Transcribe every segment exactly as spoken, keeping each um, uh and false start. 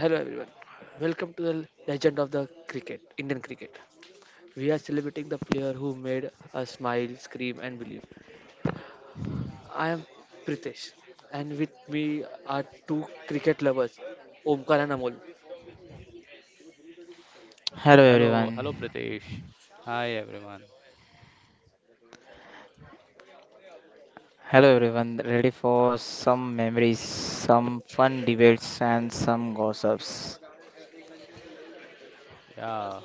Hello everyone. Welcome to the legend of the cricket, Indian cricket. We are celebrating the player who made us smile, scream and believe. I am Pritesh and with me are two cricket lovers, Omkar and Amol. Hello Hello, hello everyone. Pritesh. Hi everyone. Hello everyone. Ready for some memories, some fun debates, and some gossips. Yeah,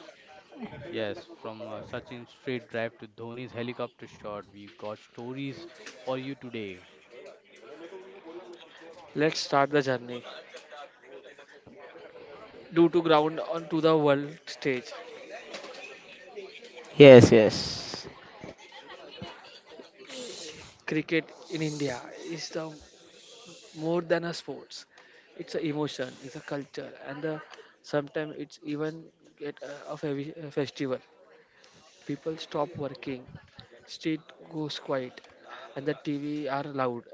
yes, from uh, Sachin's straight drive to Dhoni's helicopter shot, we got stories for you today. Let's start the journey. Due to ground onto the world stage, Yes, yes. cricket in India is the more than a sports. It's an emotion, it's a culture and the, sometimes it's even get a, a fe- a festival. People stop working, street goes quiet and the T V are loud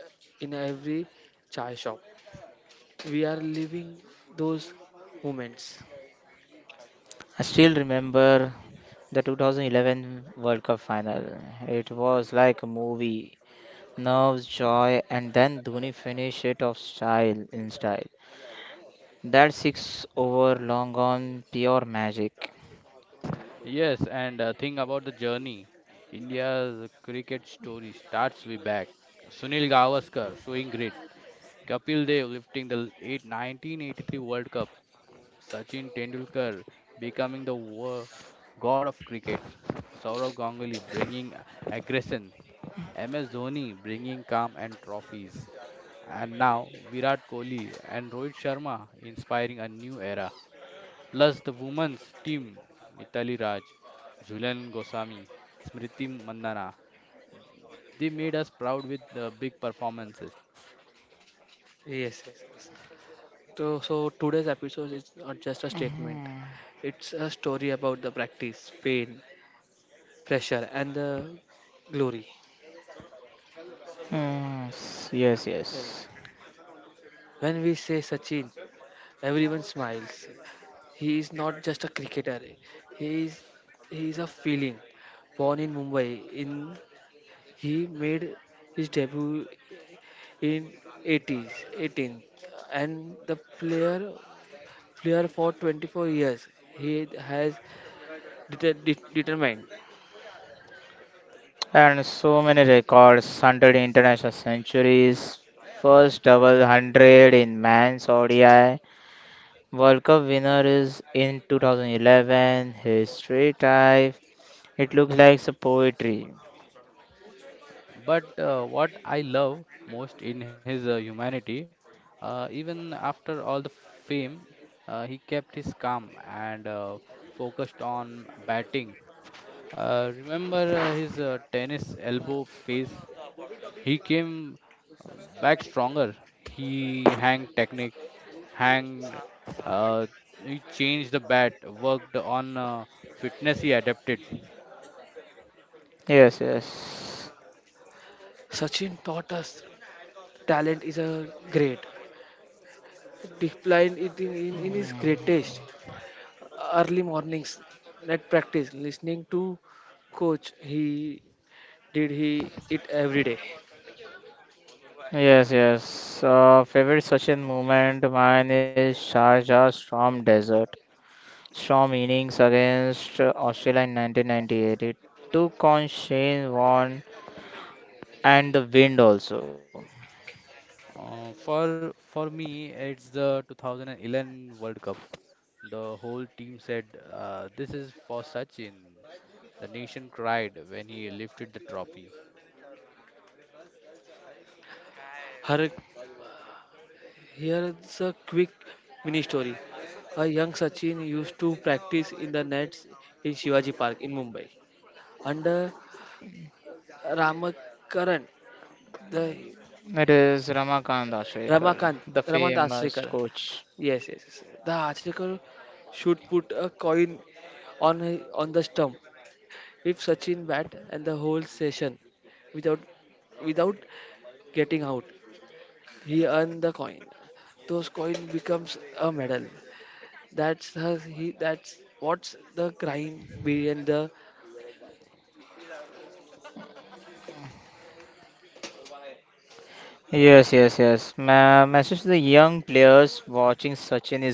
in every chai shop. We are living those moments. I still remember the two thousand eleven World Cup final. It was like a movie. Nerves, joy, and then Dhoni finished it off style in style. That six over long on pure magic. Yes, and uh, think about the journey. India's cricket story starts way back. Sunil Gavaskar showing grit. Kapil Dev lifting the eight- nineteen eighty-three World Cup. Sachin Tendulkar becoming the wo- god of cricket, Saurav Ganguly bringing aggression, M S Dhoni bringing calm and trophies, and now Virat Kohli and Rohit Sharma inspiring a new era. Plus the women's team, Mitali Raj, Julian Goswami, Smriti Mandana. They made us proud with the big performances. Yes, yes, yes. So, so today's episode is not just a statement. Hmm. It's a story about the practice, pain, pressure, and the glory. Hmm. Yes, Yeah. yes. When we say Sachin, everyone smiles. He is not just a cricketer. He is he is a feeling. Born in Mumbai in, he made his debut in eighties, eighteen and the player player for twenty-four years. He has deter, de- determined. And so many records one hundred international centuries, first double one hundred in men's O D I, World Cup winner is in two thousand eleven, his three type. It looks like some poetry. But uh, what I love most in his uh, humanity, uh, even after all the fame, uh, he kept his calm and uh, focused on batting. Uh, remember uh, his uh, tennis elbow phase? He came uh, back stronger. He hang technique, hang, uh, he changed the bat, worked on uh, fitness, he adapted. Yes, yes. Sachin taught us talent is a great. Decline it in, in, in his greatest. Early mornings, net practice, listening to coach. He did he it every day. Yes, yes. Uh, favorite Sachin moment mine is Sharjah Storm Desert. Storm innings against uh, Australia in nineteen ninety-eight. It took on Shane Warne and the wind also. Uh, for for me, it's the twenty eleven World Cup. The whole team said, uh, "This is for Sachin." The nation cried when he lifted the trophy. Her Here is a quick mini story. A young Sachin used to practice in the nets in Shivaji Park in Mumbai. Under Ramakaran, the It is Ramakant Ashrekar, Ramakant, the Ramakant famous Ashrikar. coach. Yes, yes, yes. The Ashrikar should put a coin on on the stump. If Sachin bat and the whole session without without getting out, he earned the coin. Those coin becomes a medal. That's her, he, that's what's the crime behind the. Yes, yes, yes. Ma message to the young players watching Sachin is great,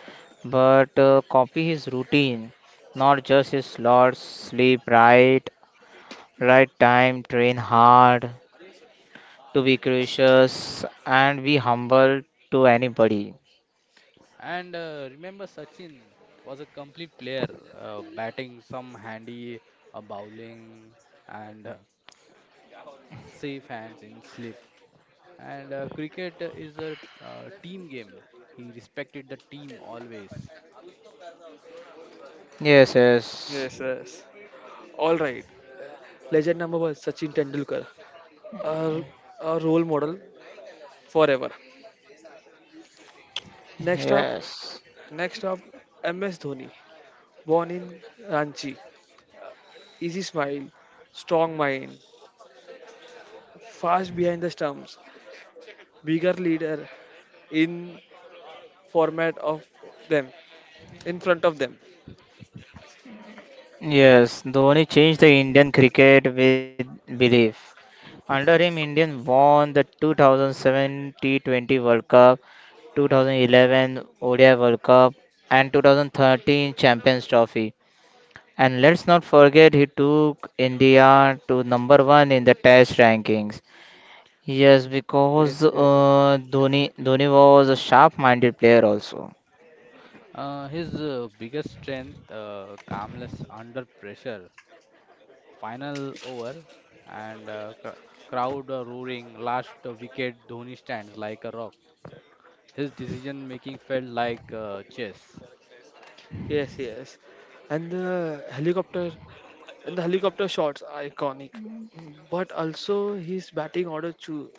but uh, copy his routine, not just his slots. Sleep right, right time, train hard, to be gracious and be humble to anybody. And uh, remember, Sachin was a complete player, uh, batting some handy, uh, bowling, and uh, safe hands in slip. And uh, cricket is a uh, team game. He respected the team always. Yes, yes, Yes, yes. All right. Legend number one, Sachin Tendulkar, a, a role model forever. Next up, yes, next up, M S Dhoni, born in Ranchi, easy smile, strong mind, fast behind the stumps, bigger leader in format of them, in front of them. yes. Dhoni changed the Indian cricket with belief. Under him, Indian won the two thousand seven T twenty World Cup, two thousand eleven O D I World Cup, and two thousand thirteen Champions Trophy. And let's not forget he took India to number one in the Test rankings. Yes, because Yes, yes. uh, Dhoni Dhoni was a sharp-minded player also. Uh, his uh, biggest strength, uh, calmness under pressure, final over, and uh, cr- crowd uh, roaring, last uh, wicket, Dhoni stands like a rock. His decision making felt like uh, chess. Yes, yes. And the helicopter And the helicopter shots are iconic, but also his batting order cho-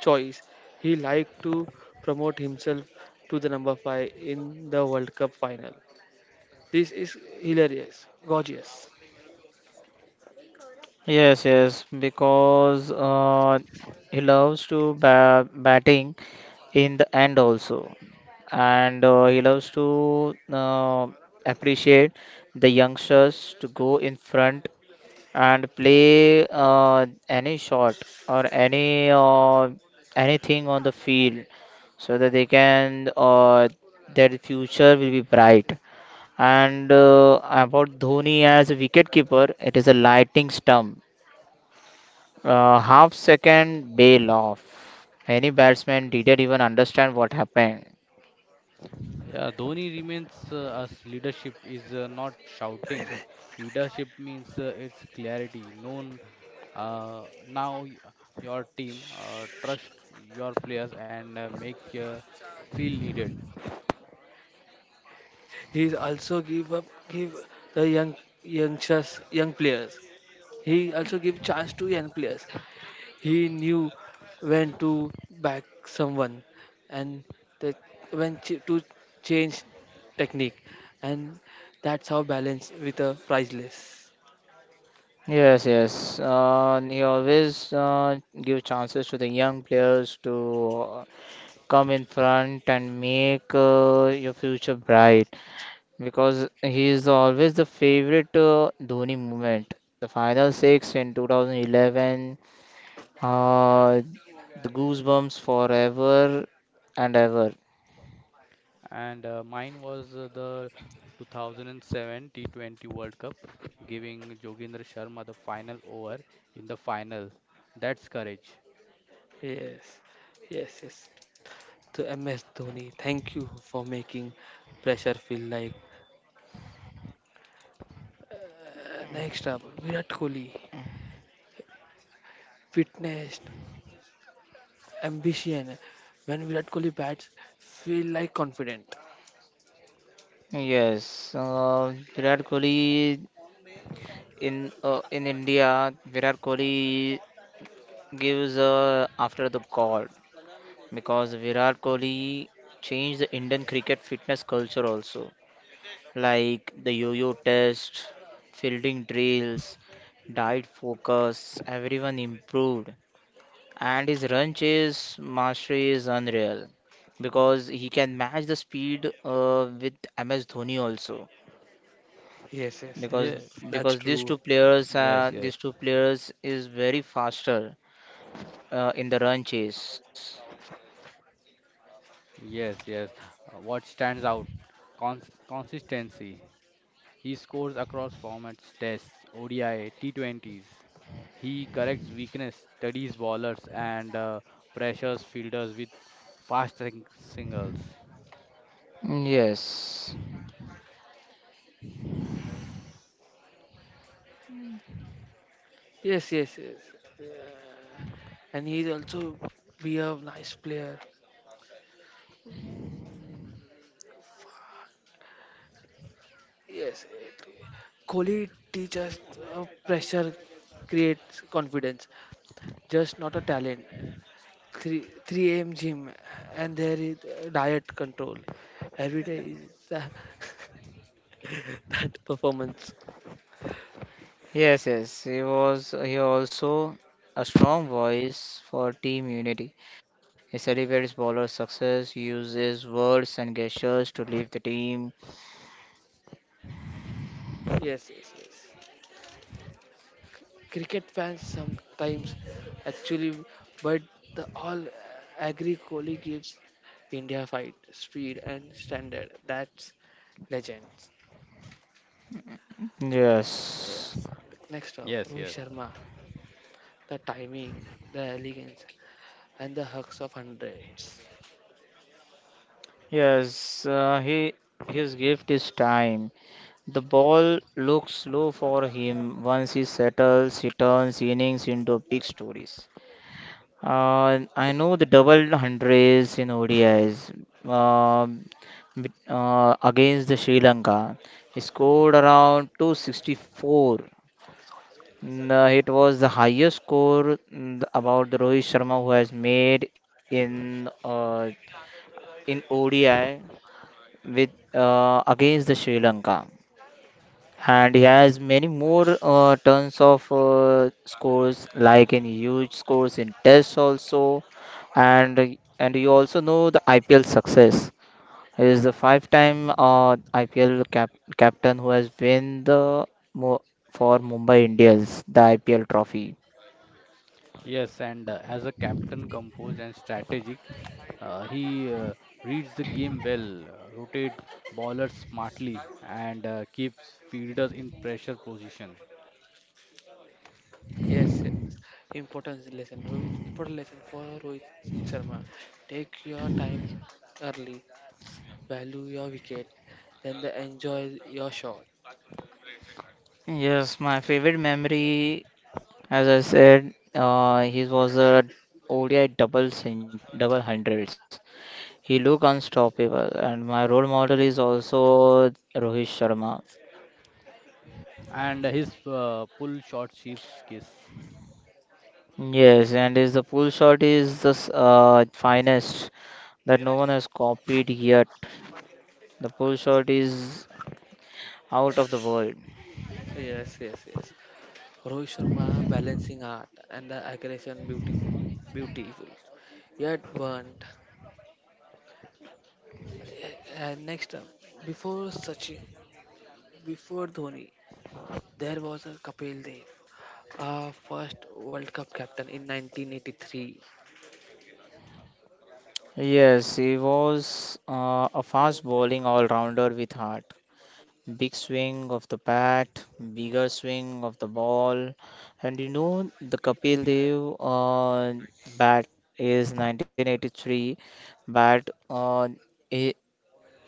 choice. He liked to promote himself to the number five in the World Cup final. This is hilarious, gorgeous. Yes, yes, because uh, he loves to ba batting in the end also, and uh, he loves to uh, appreciate the youngsters to go in front and play uh, any shot or any uh, anything on the field so that they can uh, their future will be bright. And uh, about Dhoni as a wicketkeeper, it is a lightning stump, uh, half second bail off. Many batsmen didn't even understand what happened. Yeah, Dhoni remains uh, as leadership is uh, not shouting. Leadership means uh, it's clarity. Known uh, now y- your team, uh, trust your players, and uh, make uh, feel needed. He is also give up give the young youngsters, young players. He also give chance to young players. He knew when to back someone and the, when ch- to change technique, and that's how balance with a priceless. Yes, yes. Uh, he always uh, give chances to the young players to uh, come in front and make uh, your future bright because he is always the favorite uh, Dhoni moment. The final six in two thousand eleven, uh, the goosebumps forever and ever. And uh, mine was uh, the two thousand seven T twenty World Cup, giving Jogendra Sharma the final over in the final. That's courage. Yes, yes, yes. So M S Dhoni, thank you for making pressure feel like. Uh, next up, Virat Kohli, fitness, ambition. When Virat Kohli bats, feel like confident. Yes, uh, Virat Kohli in uh, in India. Virat Kohli gives uh, after the God. Because Virat Kohli changed the Indian cricket fitness culture also, like the yo-yo test, fielding drills, diet focus, everyone improved. And his run chase mastery is unreal because he can match the speed uh, with M S Dhoni also, Yes, yes, because yes. Yeah. That's because these true. two players uh, Yes, these two yes. players is very faster uh, in the run chase. Yes, yes. Uh, what stands out? Cons consistency. He scores across formats, tests, O D I, T twenties. He corrects weakness, studies bowlers, and uh, pressures fielders with fast sing- singles. Mm, yes. Yes, yes, yes. Yeah. And he's also be a nice player. Yes, yes. Kohli teaches uh, pressure creates confidence, just not a talent. Three three A M gym, and there is uh, diet control. Every day is uh, that performance. Yes, yes, he was he also a strong voice for team unity. He celebrates bowler success, uses words and gestures to leave the team. Yes, yes, yes. Cricket fans sometimes actually, but the all agree Kohli gives India fight, speed and standard. That's legends. Yes, Next up, Rohit Yes, yes. Sharma, the timing, the elegance, and the hucks of hundreds. yes, uh, he his gift is time. The ball looks slow for him. Once he settles, he turns innings into big stories. Uh, I know the double hundreds in O D Is, um, with- uh, against the Sri Lanka. He scored around two hundred sixty-four. Mm, uh, It was the highest score, mm, about the Rohit Sharma who has made in uh, in O D I, with uh, against the Sri Lanka, and he has many more uh, tons of uh, scores, like in huge scores in tests also. And and you also know the I P L success. He is the five time uh, I P L cap- captain who has won the mo- for Mumbai Indians the I P L trophy. Yes, and uh, as a captain, composed and strategic, uh, he uh, reads the game well, uh, rotate ballers smartly, and uh, keeps fielders in pressure position. Yes, yes. Important lesson, Rohit. Important lesson for Rohit Sharma. Take your time early, value your wicket, then the enjoy your shot. Yes, my favorite memory, as I said, uh, he was a O D I double cen- double hundreds. He look unstoppable, and my role model is also Rohit Sharma. And his uh, pull shot shifts case. Yes, and his the pull shot is the s- uh, finest that no one has copied yet. The pull shot is out of the world. Yes, yes, yes. Rohit Sharma balancing art and the aggression beautiful, beautiful, yet burnt. And next up, before Sachin, before Dhoni, there was a Kapil Dev, our first World Cup captain in nineteen eighty-three. Yes, he was uh, a fast bowling all rounder with heart. Big swing of the bat, bigger swing of the ball. And you know, the Kapil Dev uh, bat is nineteen eighty-three bat. Uh, I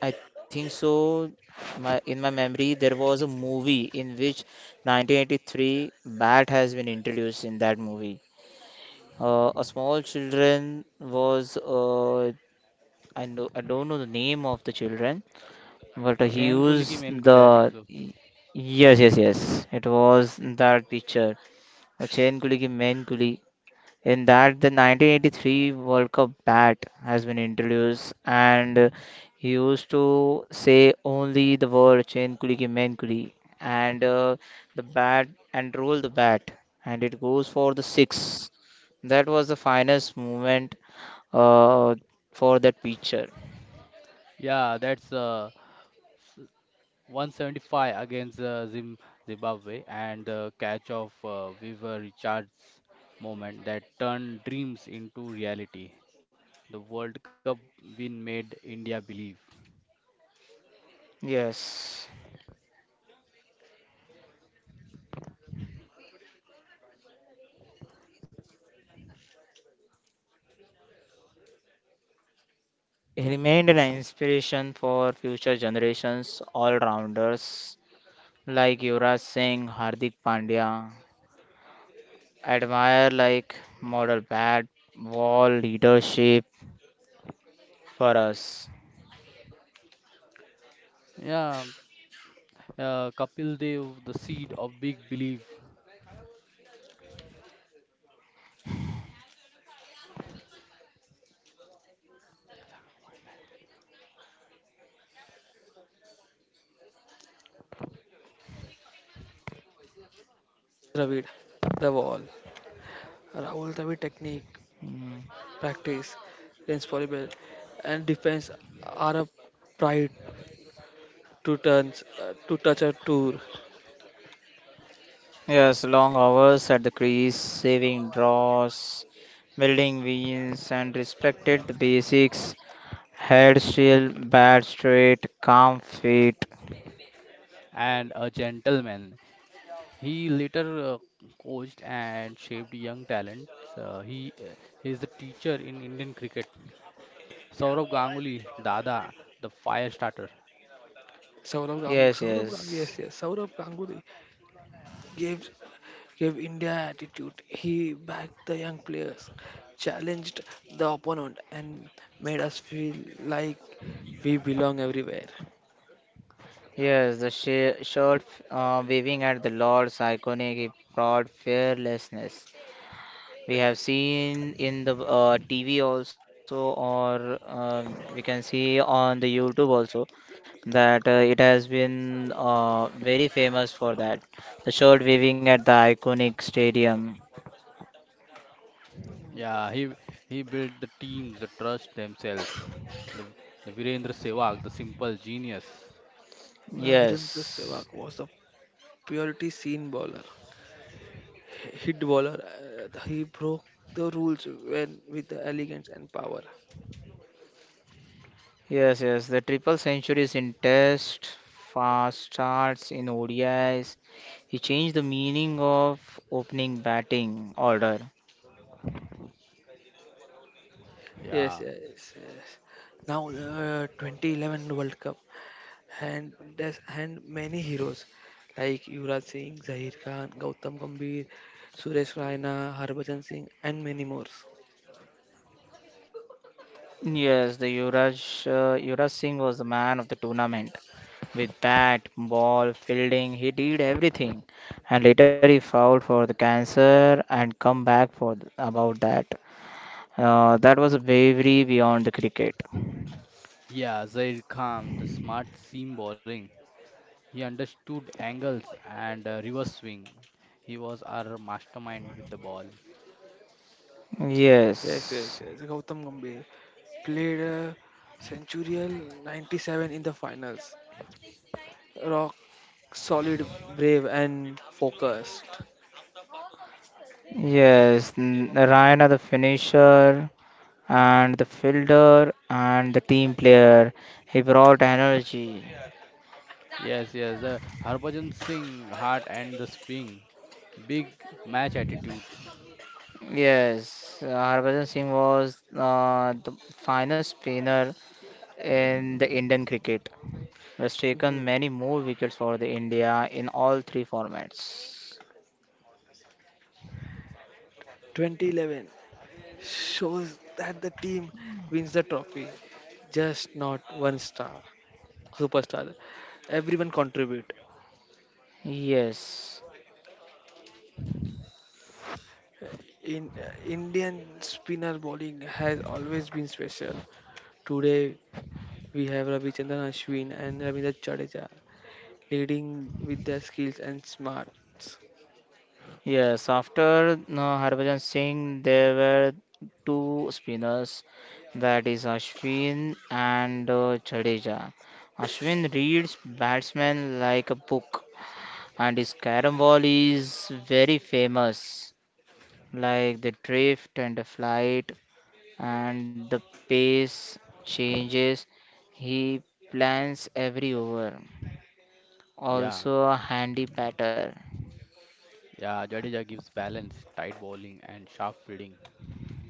I think so. My, in my memory, there was a movie in which nineteen eighty-three bat has been introduced in that movie. Uh, a small children was uh, I know I don't know the name of the children, but he Chain Kohli ki used main Kohli, I think the so. y- Yes, yes, yes. It was that picture of Chain Kuli ki Main Kuli. In that, the nineteen eighty-three World Cup bat has been introduced, and he used to say only the word Chain Kuli ki Main Kuli, and uh, the bat and roll the bat, and it goes for the six. That was the finest moment uh, for that picture. Yeah, that's uh, one seventy-five against uh, Zim Zimbabwe, and the catch of uh, Weaver Richards moment that turned dreams into reality. The World Cup win made India believe. Yes. Remained an inspiration for future generations all-rounders like Yuvraj Singh, Hardik Pandya, admire like model bat, wall leadership for us. Yeah, uh, Kapil Dev, the seed of big belief Dravid, the wall, Rahul Dravid technique, Mm. practice, responsible, and defense are a pride to turns uh, to touch a tour. Yes, long hours at the crease, saving draws, building wins, and respected the basics. Head shield, bat straight, calm feet. and a gentleman. He later uh, coached and shaped young talents. Uh, he uh, is the teacher in Indian cricket. Saurav Ganguly, Dada, the fire starter. Saurabh Gang, Yes, Saurabh Gang, yes. yes, yes, Saurabh Ganguly gave gave India attitude. He backed the young players, challenged the opponent, and made us feel like we belong everywhere. Yes, the sh- shirt uh, waving at the Lord's iconic proud fearlessness. We have seen in the uh, T V also, or uh, we can see on the YouTube also, that uh, it has been uh, very famous for that. The shirt waving at the iconic stadium. Yeah, he he built the teams, the trust themselves. The the Virendra Sehwag, the simple genius. Uh, Virendra Sehwag Yes, was a purity seen bowler, hit bowler. Uh, he broke the rules when with the elegance and power. yes, yes. The triple centuries in Test, fast starts in O D Is. He changed the meaning of opening batting order. Yes, Yeah, yes, yes. Now, uh, twenty eleven World Cup. And there's and many heroes like Yuvraj Singh, Zahir Khan, Gautam Gambhir, Suresh Raina, Harbhajan Singh, and many more. Yes, the Yuvraj, uh, Yuvraj Singh was the man of the tournament. With bat, ball, fielding, he did everything. And later he fouled for the cancer and come back for th- about that. Uh, that was a bravery beyond the cricket. yeah, Zaid Khan, the smart seam bowling. He understood angles and uh, reverse swing. He was our mastermind with the ball. Yes, yes, Yes, yes. Gautam Gambhir played a centurial ninety-seven in the finals. Rock solid, brave, and focused. yes. n- Ryan, the finisher and the fielder and the team player, he brought energy. Yes, yes, the Harbhajan Singh heart and the spin. Big match attitude. Yes, uh, Harbhajan Singh was uh, the finest spinner in the Indian cricket. Has taken Mhm. many more wickets for the India in all three formats. twenty eleven shows that the team wins the trophy, just not one star superstar. Everyone contribute. Yes, In uh, Indian spinner bowling has always been special. Today we have Ravichandran Ashwin and Ravindra Jadeja leading with their skills and smarts. yes. After uh, Harbhajan Singh, there were two spinners, that is Ashwin and uh, Jadeja. Ashwin reads batsmen like a book, and his carom ball is very famous, like the drift and the flight and the pace changes. He plans every over. Yeah, Also a handy batter. yeah, Jadeja gives balance, tight bowling and sharp fielding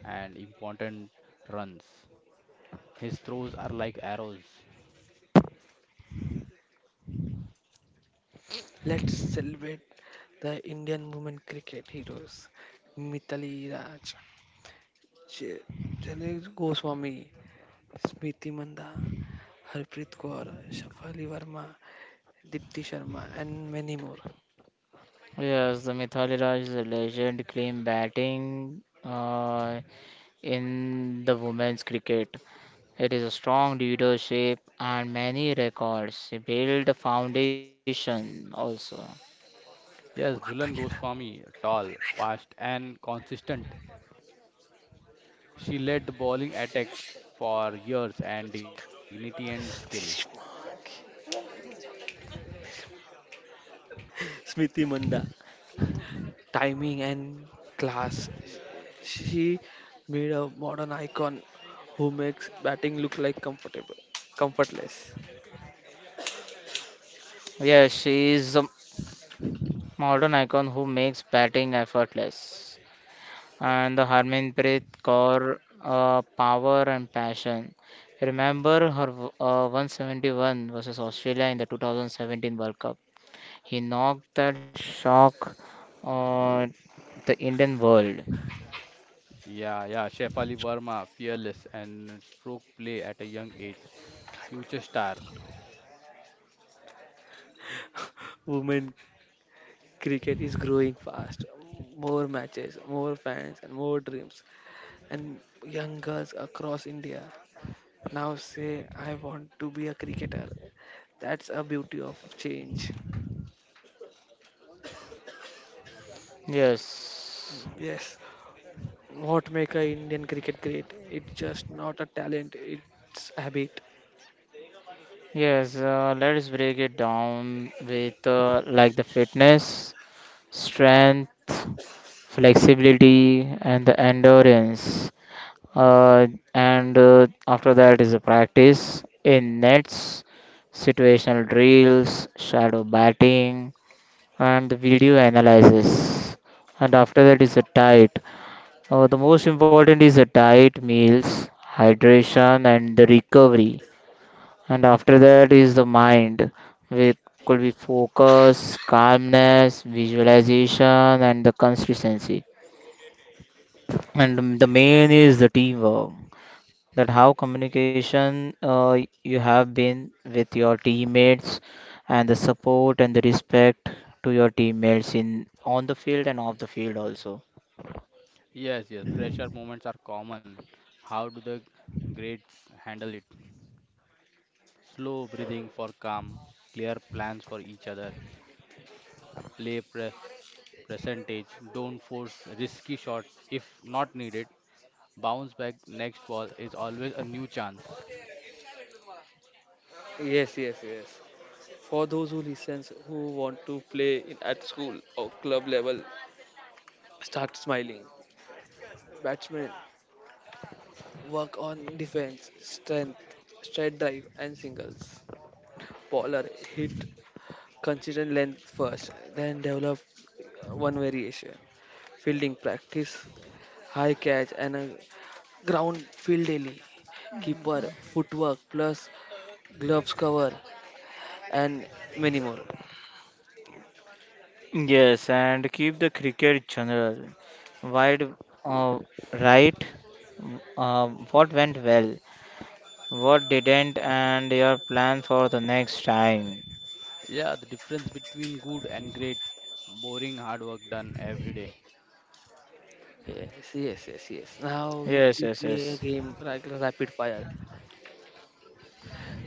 and important runs. His throws are like arrows. Let's celebrate the Indian women cricket heroes Mithali Raj, J- Janet Goswami, Smriti Manda, Harpreet Kaur, Shafali Verma, Dipti Sharma, and many more. Yes, the Mithali Raj is a legend claim batting uh, in the women's cricket. It is a strong leadership and many records. She built a foundation also. Yes, Julan Goswami, tall, fast and consistent. She led the bowling attack for years and dignity and skill. Smriti Manda timing and class. She made a modern icon who makes batting look like comfortable, comfortless. Yes, she is a modern icon who makes batting effortless, and the Harmanpreet Kaur, uh, power and passion. Remember her uh, one hundred seventy-one versus Australia in the twenty seventeen World Cup. He knocked that shock on the Indian world. Yeah, yeah, Shefali Verma, fearless and stroke play at a young age, future star. Women cricket is growing fast. More matches, more fans, and more dreams. And young girls across India now say, I want to be a cricketer. That's a beauty of change. Yes. Yes. What make a Indian cricket great? It's just not a talent, it's habit. Yes, uh, let's break it down with uh, like the fitness, strength, flexibility, and the endurance. Uh, and uh, after that is a practice in nets, situational drills, shadow batting, and the video analysis. And after that is a diet. Uh, the most important is the diet, meals, hydration, and the recovery. And after that is the mind, which could be focus, calmness, visualization, and the consistency. And um, the main is the teamwork. That how communication uh, you have been with your teammates, and the support and the respect to your teammates in on the field and off the field also. Yes, yes, pressure moments are common. How do the greats handle it? Slow breathing for calm, clear plans for each other, uh, play pre- percentage, don't force risky shots if not needed. Bounce back next ball is always a new chance. Yes, yes, yes. For those who listens who want to play in, at school or club level, start smiling. Batsman, work on defense, strength, straight drive and singles. Bowler, hit consistent length first, then develop one variation. Fielding practice, high catch and a ground field daily. Keeper, footwork plus gloves cover and many more. Yes, and keep the cricket general wide uh, right. W- Uh, what went well, what didn't, and your plan for the next time. Yeah, the difference between good and great, boring hard work done every day. Yes, yes, yes, yes. Now we Yes, will yes, play a yes, game like rapid fire.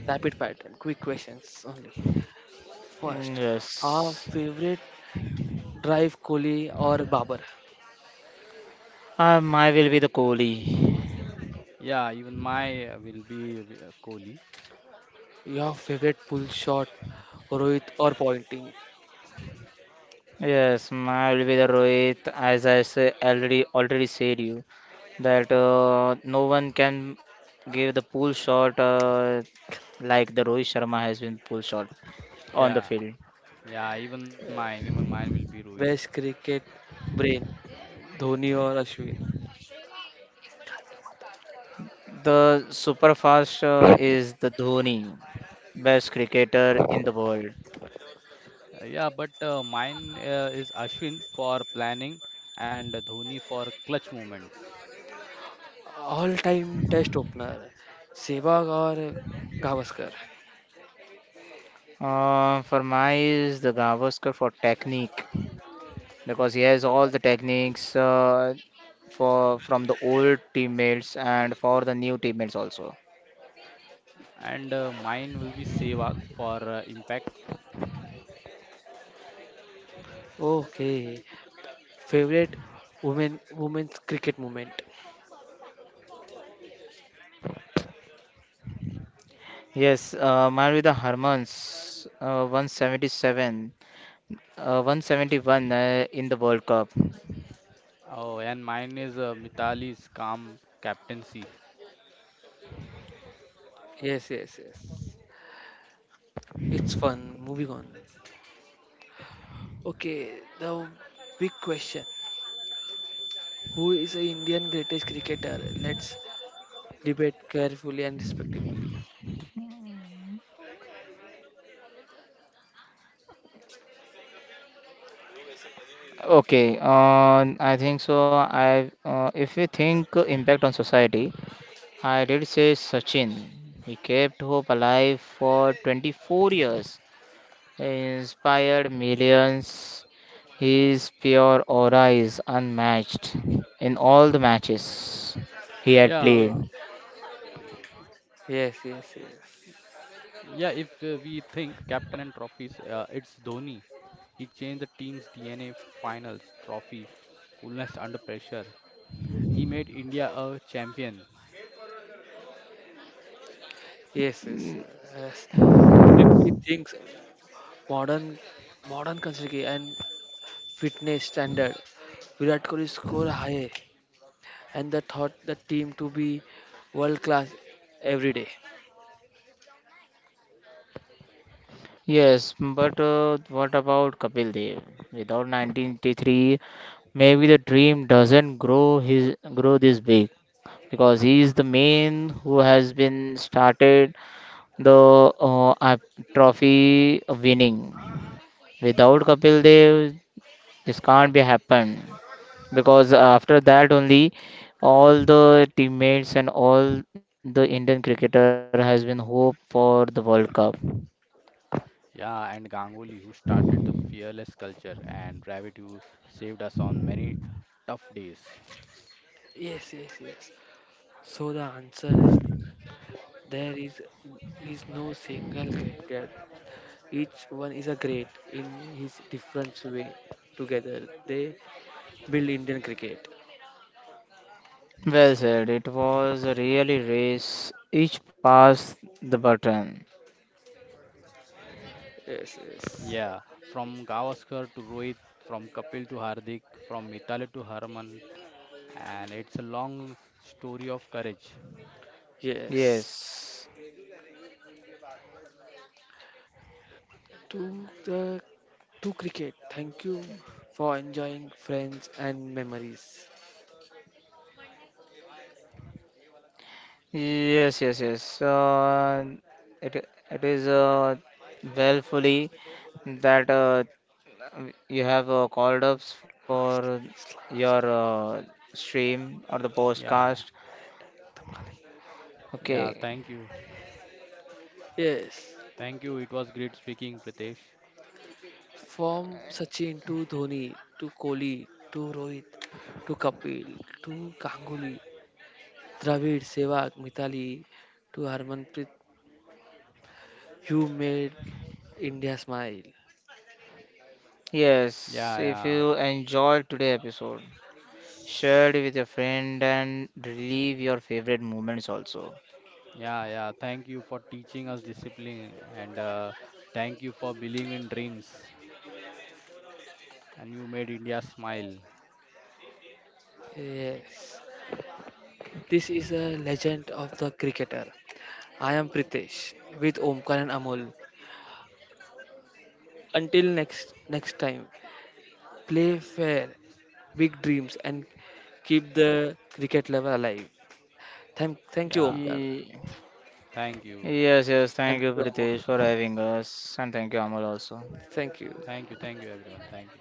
Rapid fire time. Quick questions only. Mm, First, our yes. favorite drive, Kohli or Babar? Um, I will be the Kohli. Yeah, even my uh, will be uh, uh, Kohli. Your favorite pull shot, Rohit or pointing? Yes, my will be the Rohit, as I say, already already said you that uh, no one can give the pull shot uh, like the Rohit Sharma has been pull shot on the Yeah, field. yeah, even mine, even mine will be Rohit. Best cricket brain, Dhoni or Ashwin? The super fast uh, is the Dhoni, best cricketer in the world. Uh, yeah, but uh, mine uh, is Ashwin for planning and Dhoni for clutch moments. All time test opener, Sehwag or Gavaskar? Uh, for my is the Gavaskar for technique because he has all the techniques uh, for from the old teammates and for the new teammates also. And uh, mine will be Sehwag for uh, impact. Okay. Favorite women women's cricket moment? Yes, uh, Man with the Harmons, uh, one hundred seventy-seven, uh, one hundred seventy-one uh, in the World Cup. Oh, and mine is uh, Mitali's calm captaincy. Yes, yes, yes. It's fun. Moving on. Okay, the big question. Who is the Indian greatest cricketer? Let's debate carefully and respectfully. Okay, uh, I think so. I uh, If you think impact on society, I did say Sachin. He kept hope alive for twenty-four years. He inspired millions. His pure aura is unmatched in all the matches he had Yeah. Yeah, played. Yes, yes, yeah, if yes. uh, we think captain and trophies, uh, it's Dhoni. He changed the team's D N A finals, trophy, coolness under pressure. He made India a champion. Yes, yes. Yes. If we think modern modern consider and fitness standard, Virat Kohli score high and the thought the team to be world class every day. Yes, but uh, what about Kapil Dev? Without nineteen eighty-three, maybe the dream doesn't grow his grow this big because he is the main who has been started the uh, uh, trophy winning. Without Kapil Dev, this can't be happened because after that only all the teammates and all the Indian cricketer has been hope for the World Cup. Yeah, and Ganguly, who started the fearless culture, and Dravid, who saved us on many tough days. Yes, yes, yes. So the answer is, there is is no single great. Each one is a great in his different way. Together they build Indian cricket. Well said. It was a really race. Each passed the button. Yes, yes, Yeah, from Gavaskar to Rohit, from Kapil to Hardik, from Mitali to Harman, and it's a long story of courage. yes. Yes. To the to cricket. Thank you for enjoying friends and memories. Yes, yes, yes. So, Uh, it it is uh, well fully that uh, you have uh, called ups for your uh, stream or the Yeah, yeah, podcast. yeah. Thank Okay. you, Yes, thank you. It was great speaking, Pritesh. from Sachin to Dhoni to Kohli to Rohit to Kapil to Ganguly, Dravid, Sehwag, Mithali to Harmanpreet, you made India smile. Yeah, Yes. yeah, If you enjoyed today episode, share it with your friend and relive your favorite moments also. yeah, yeah. Thank you for teaching us discipline, and uh, thank you for believing in dreams. And you made India smile. Yes. This is a legend of the cricketer. I am Pritesh with Omkar and Amol. Until next next time, play fair, big dreams and keep the cricket level alive. Thank thank you Yeah, Omkar. Ye- thank you. Yes, Thank yes. you Thank you, Amol. Prateek, for having us, and thank you, Amal, also. Thank you. Thank you. Thank you, everyone. Thank you.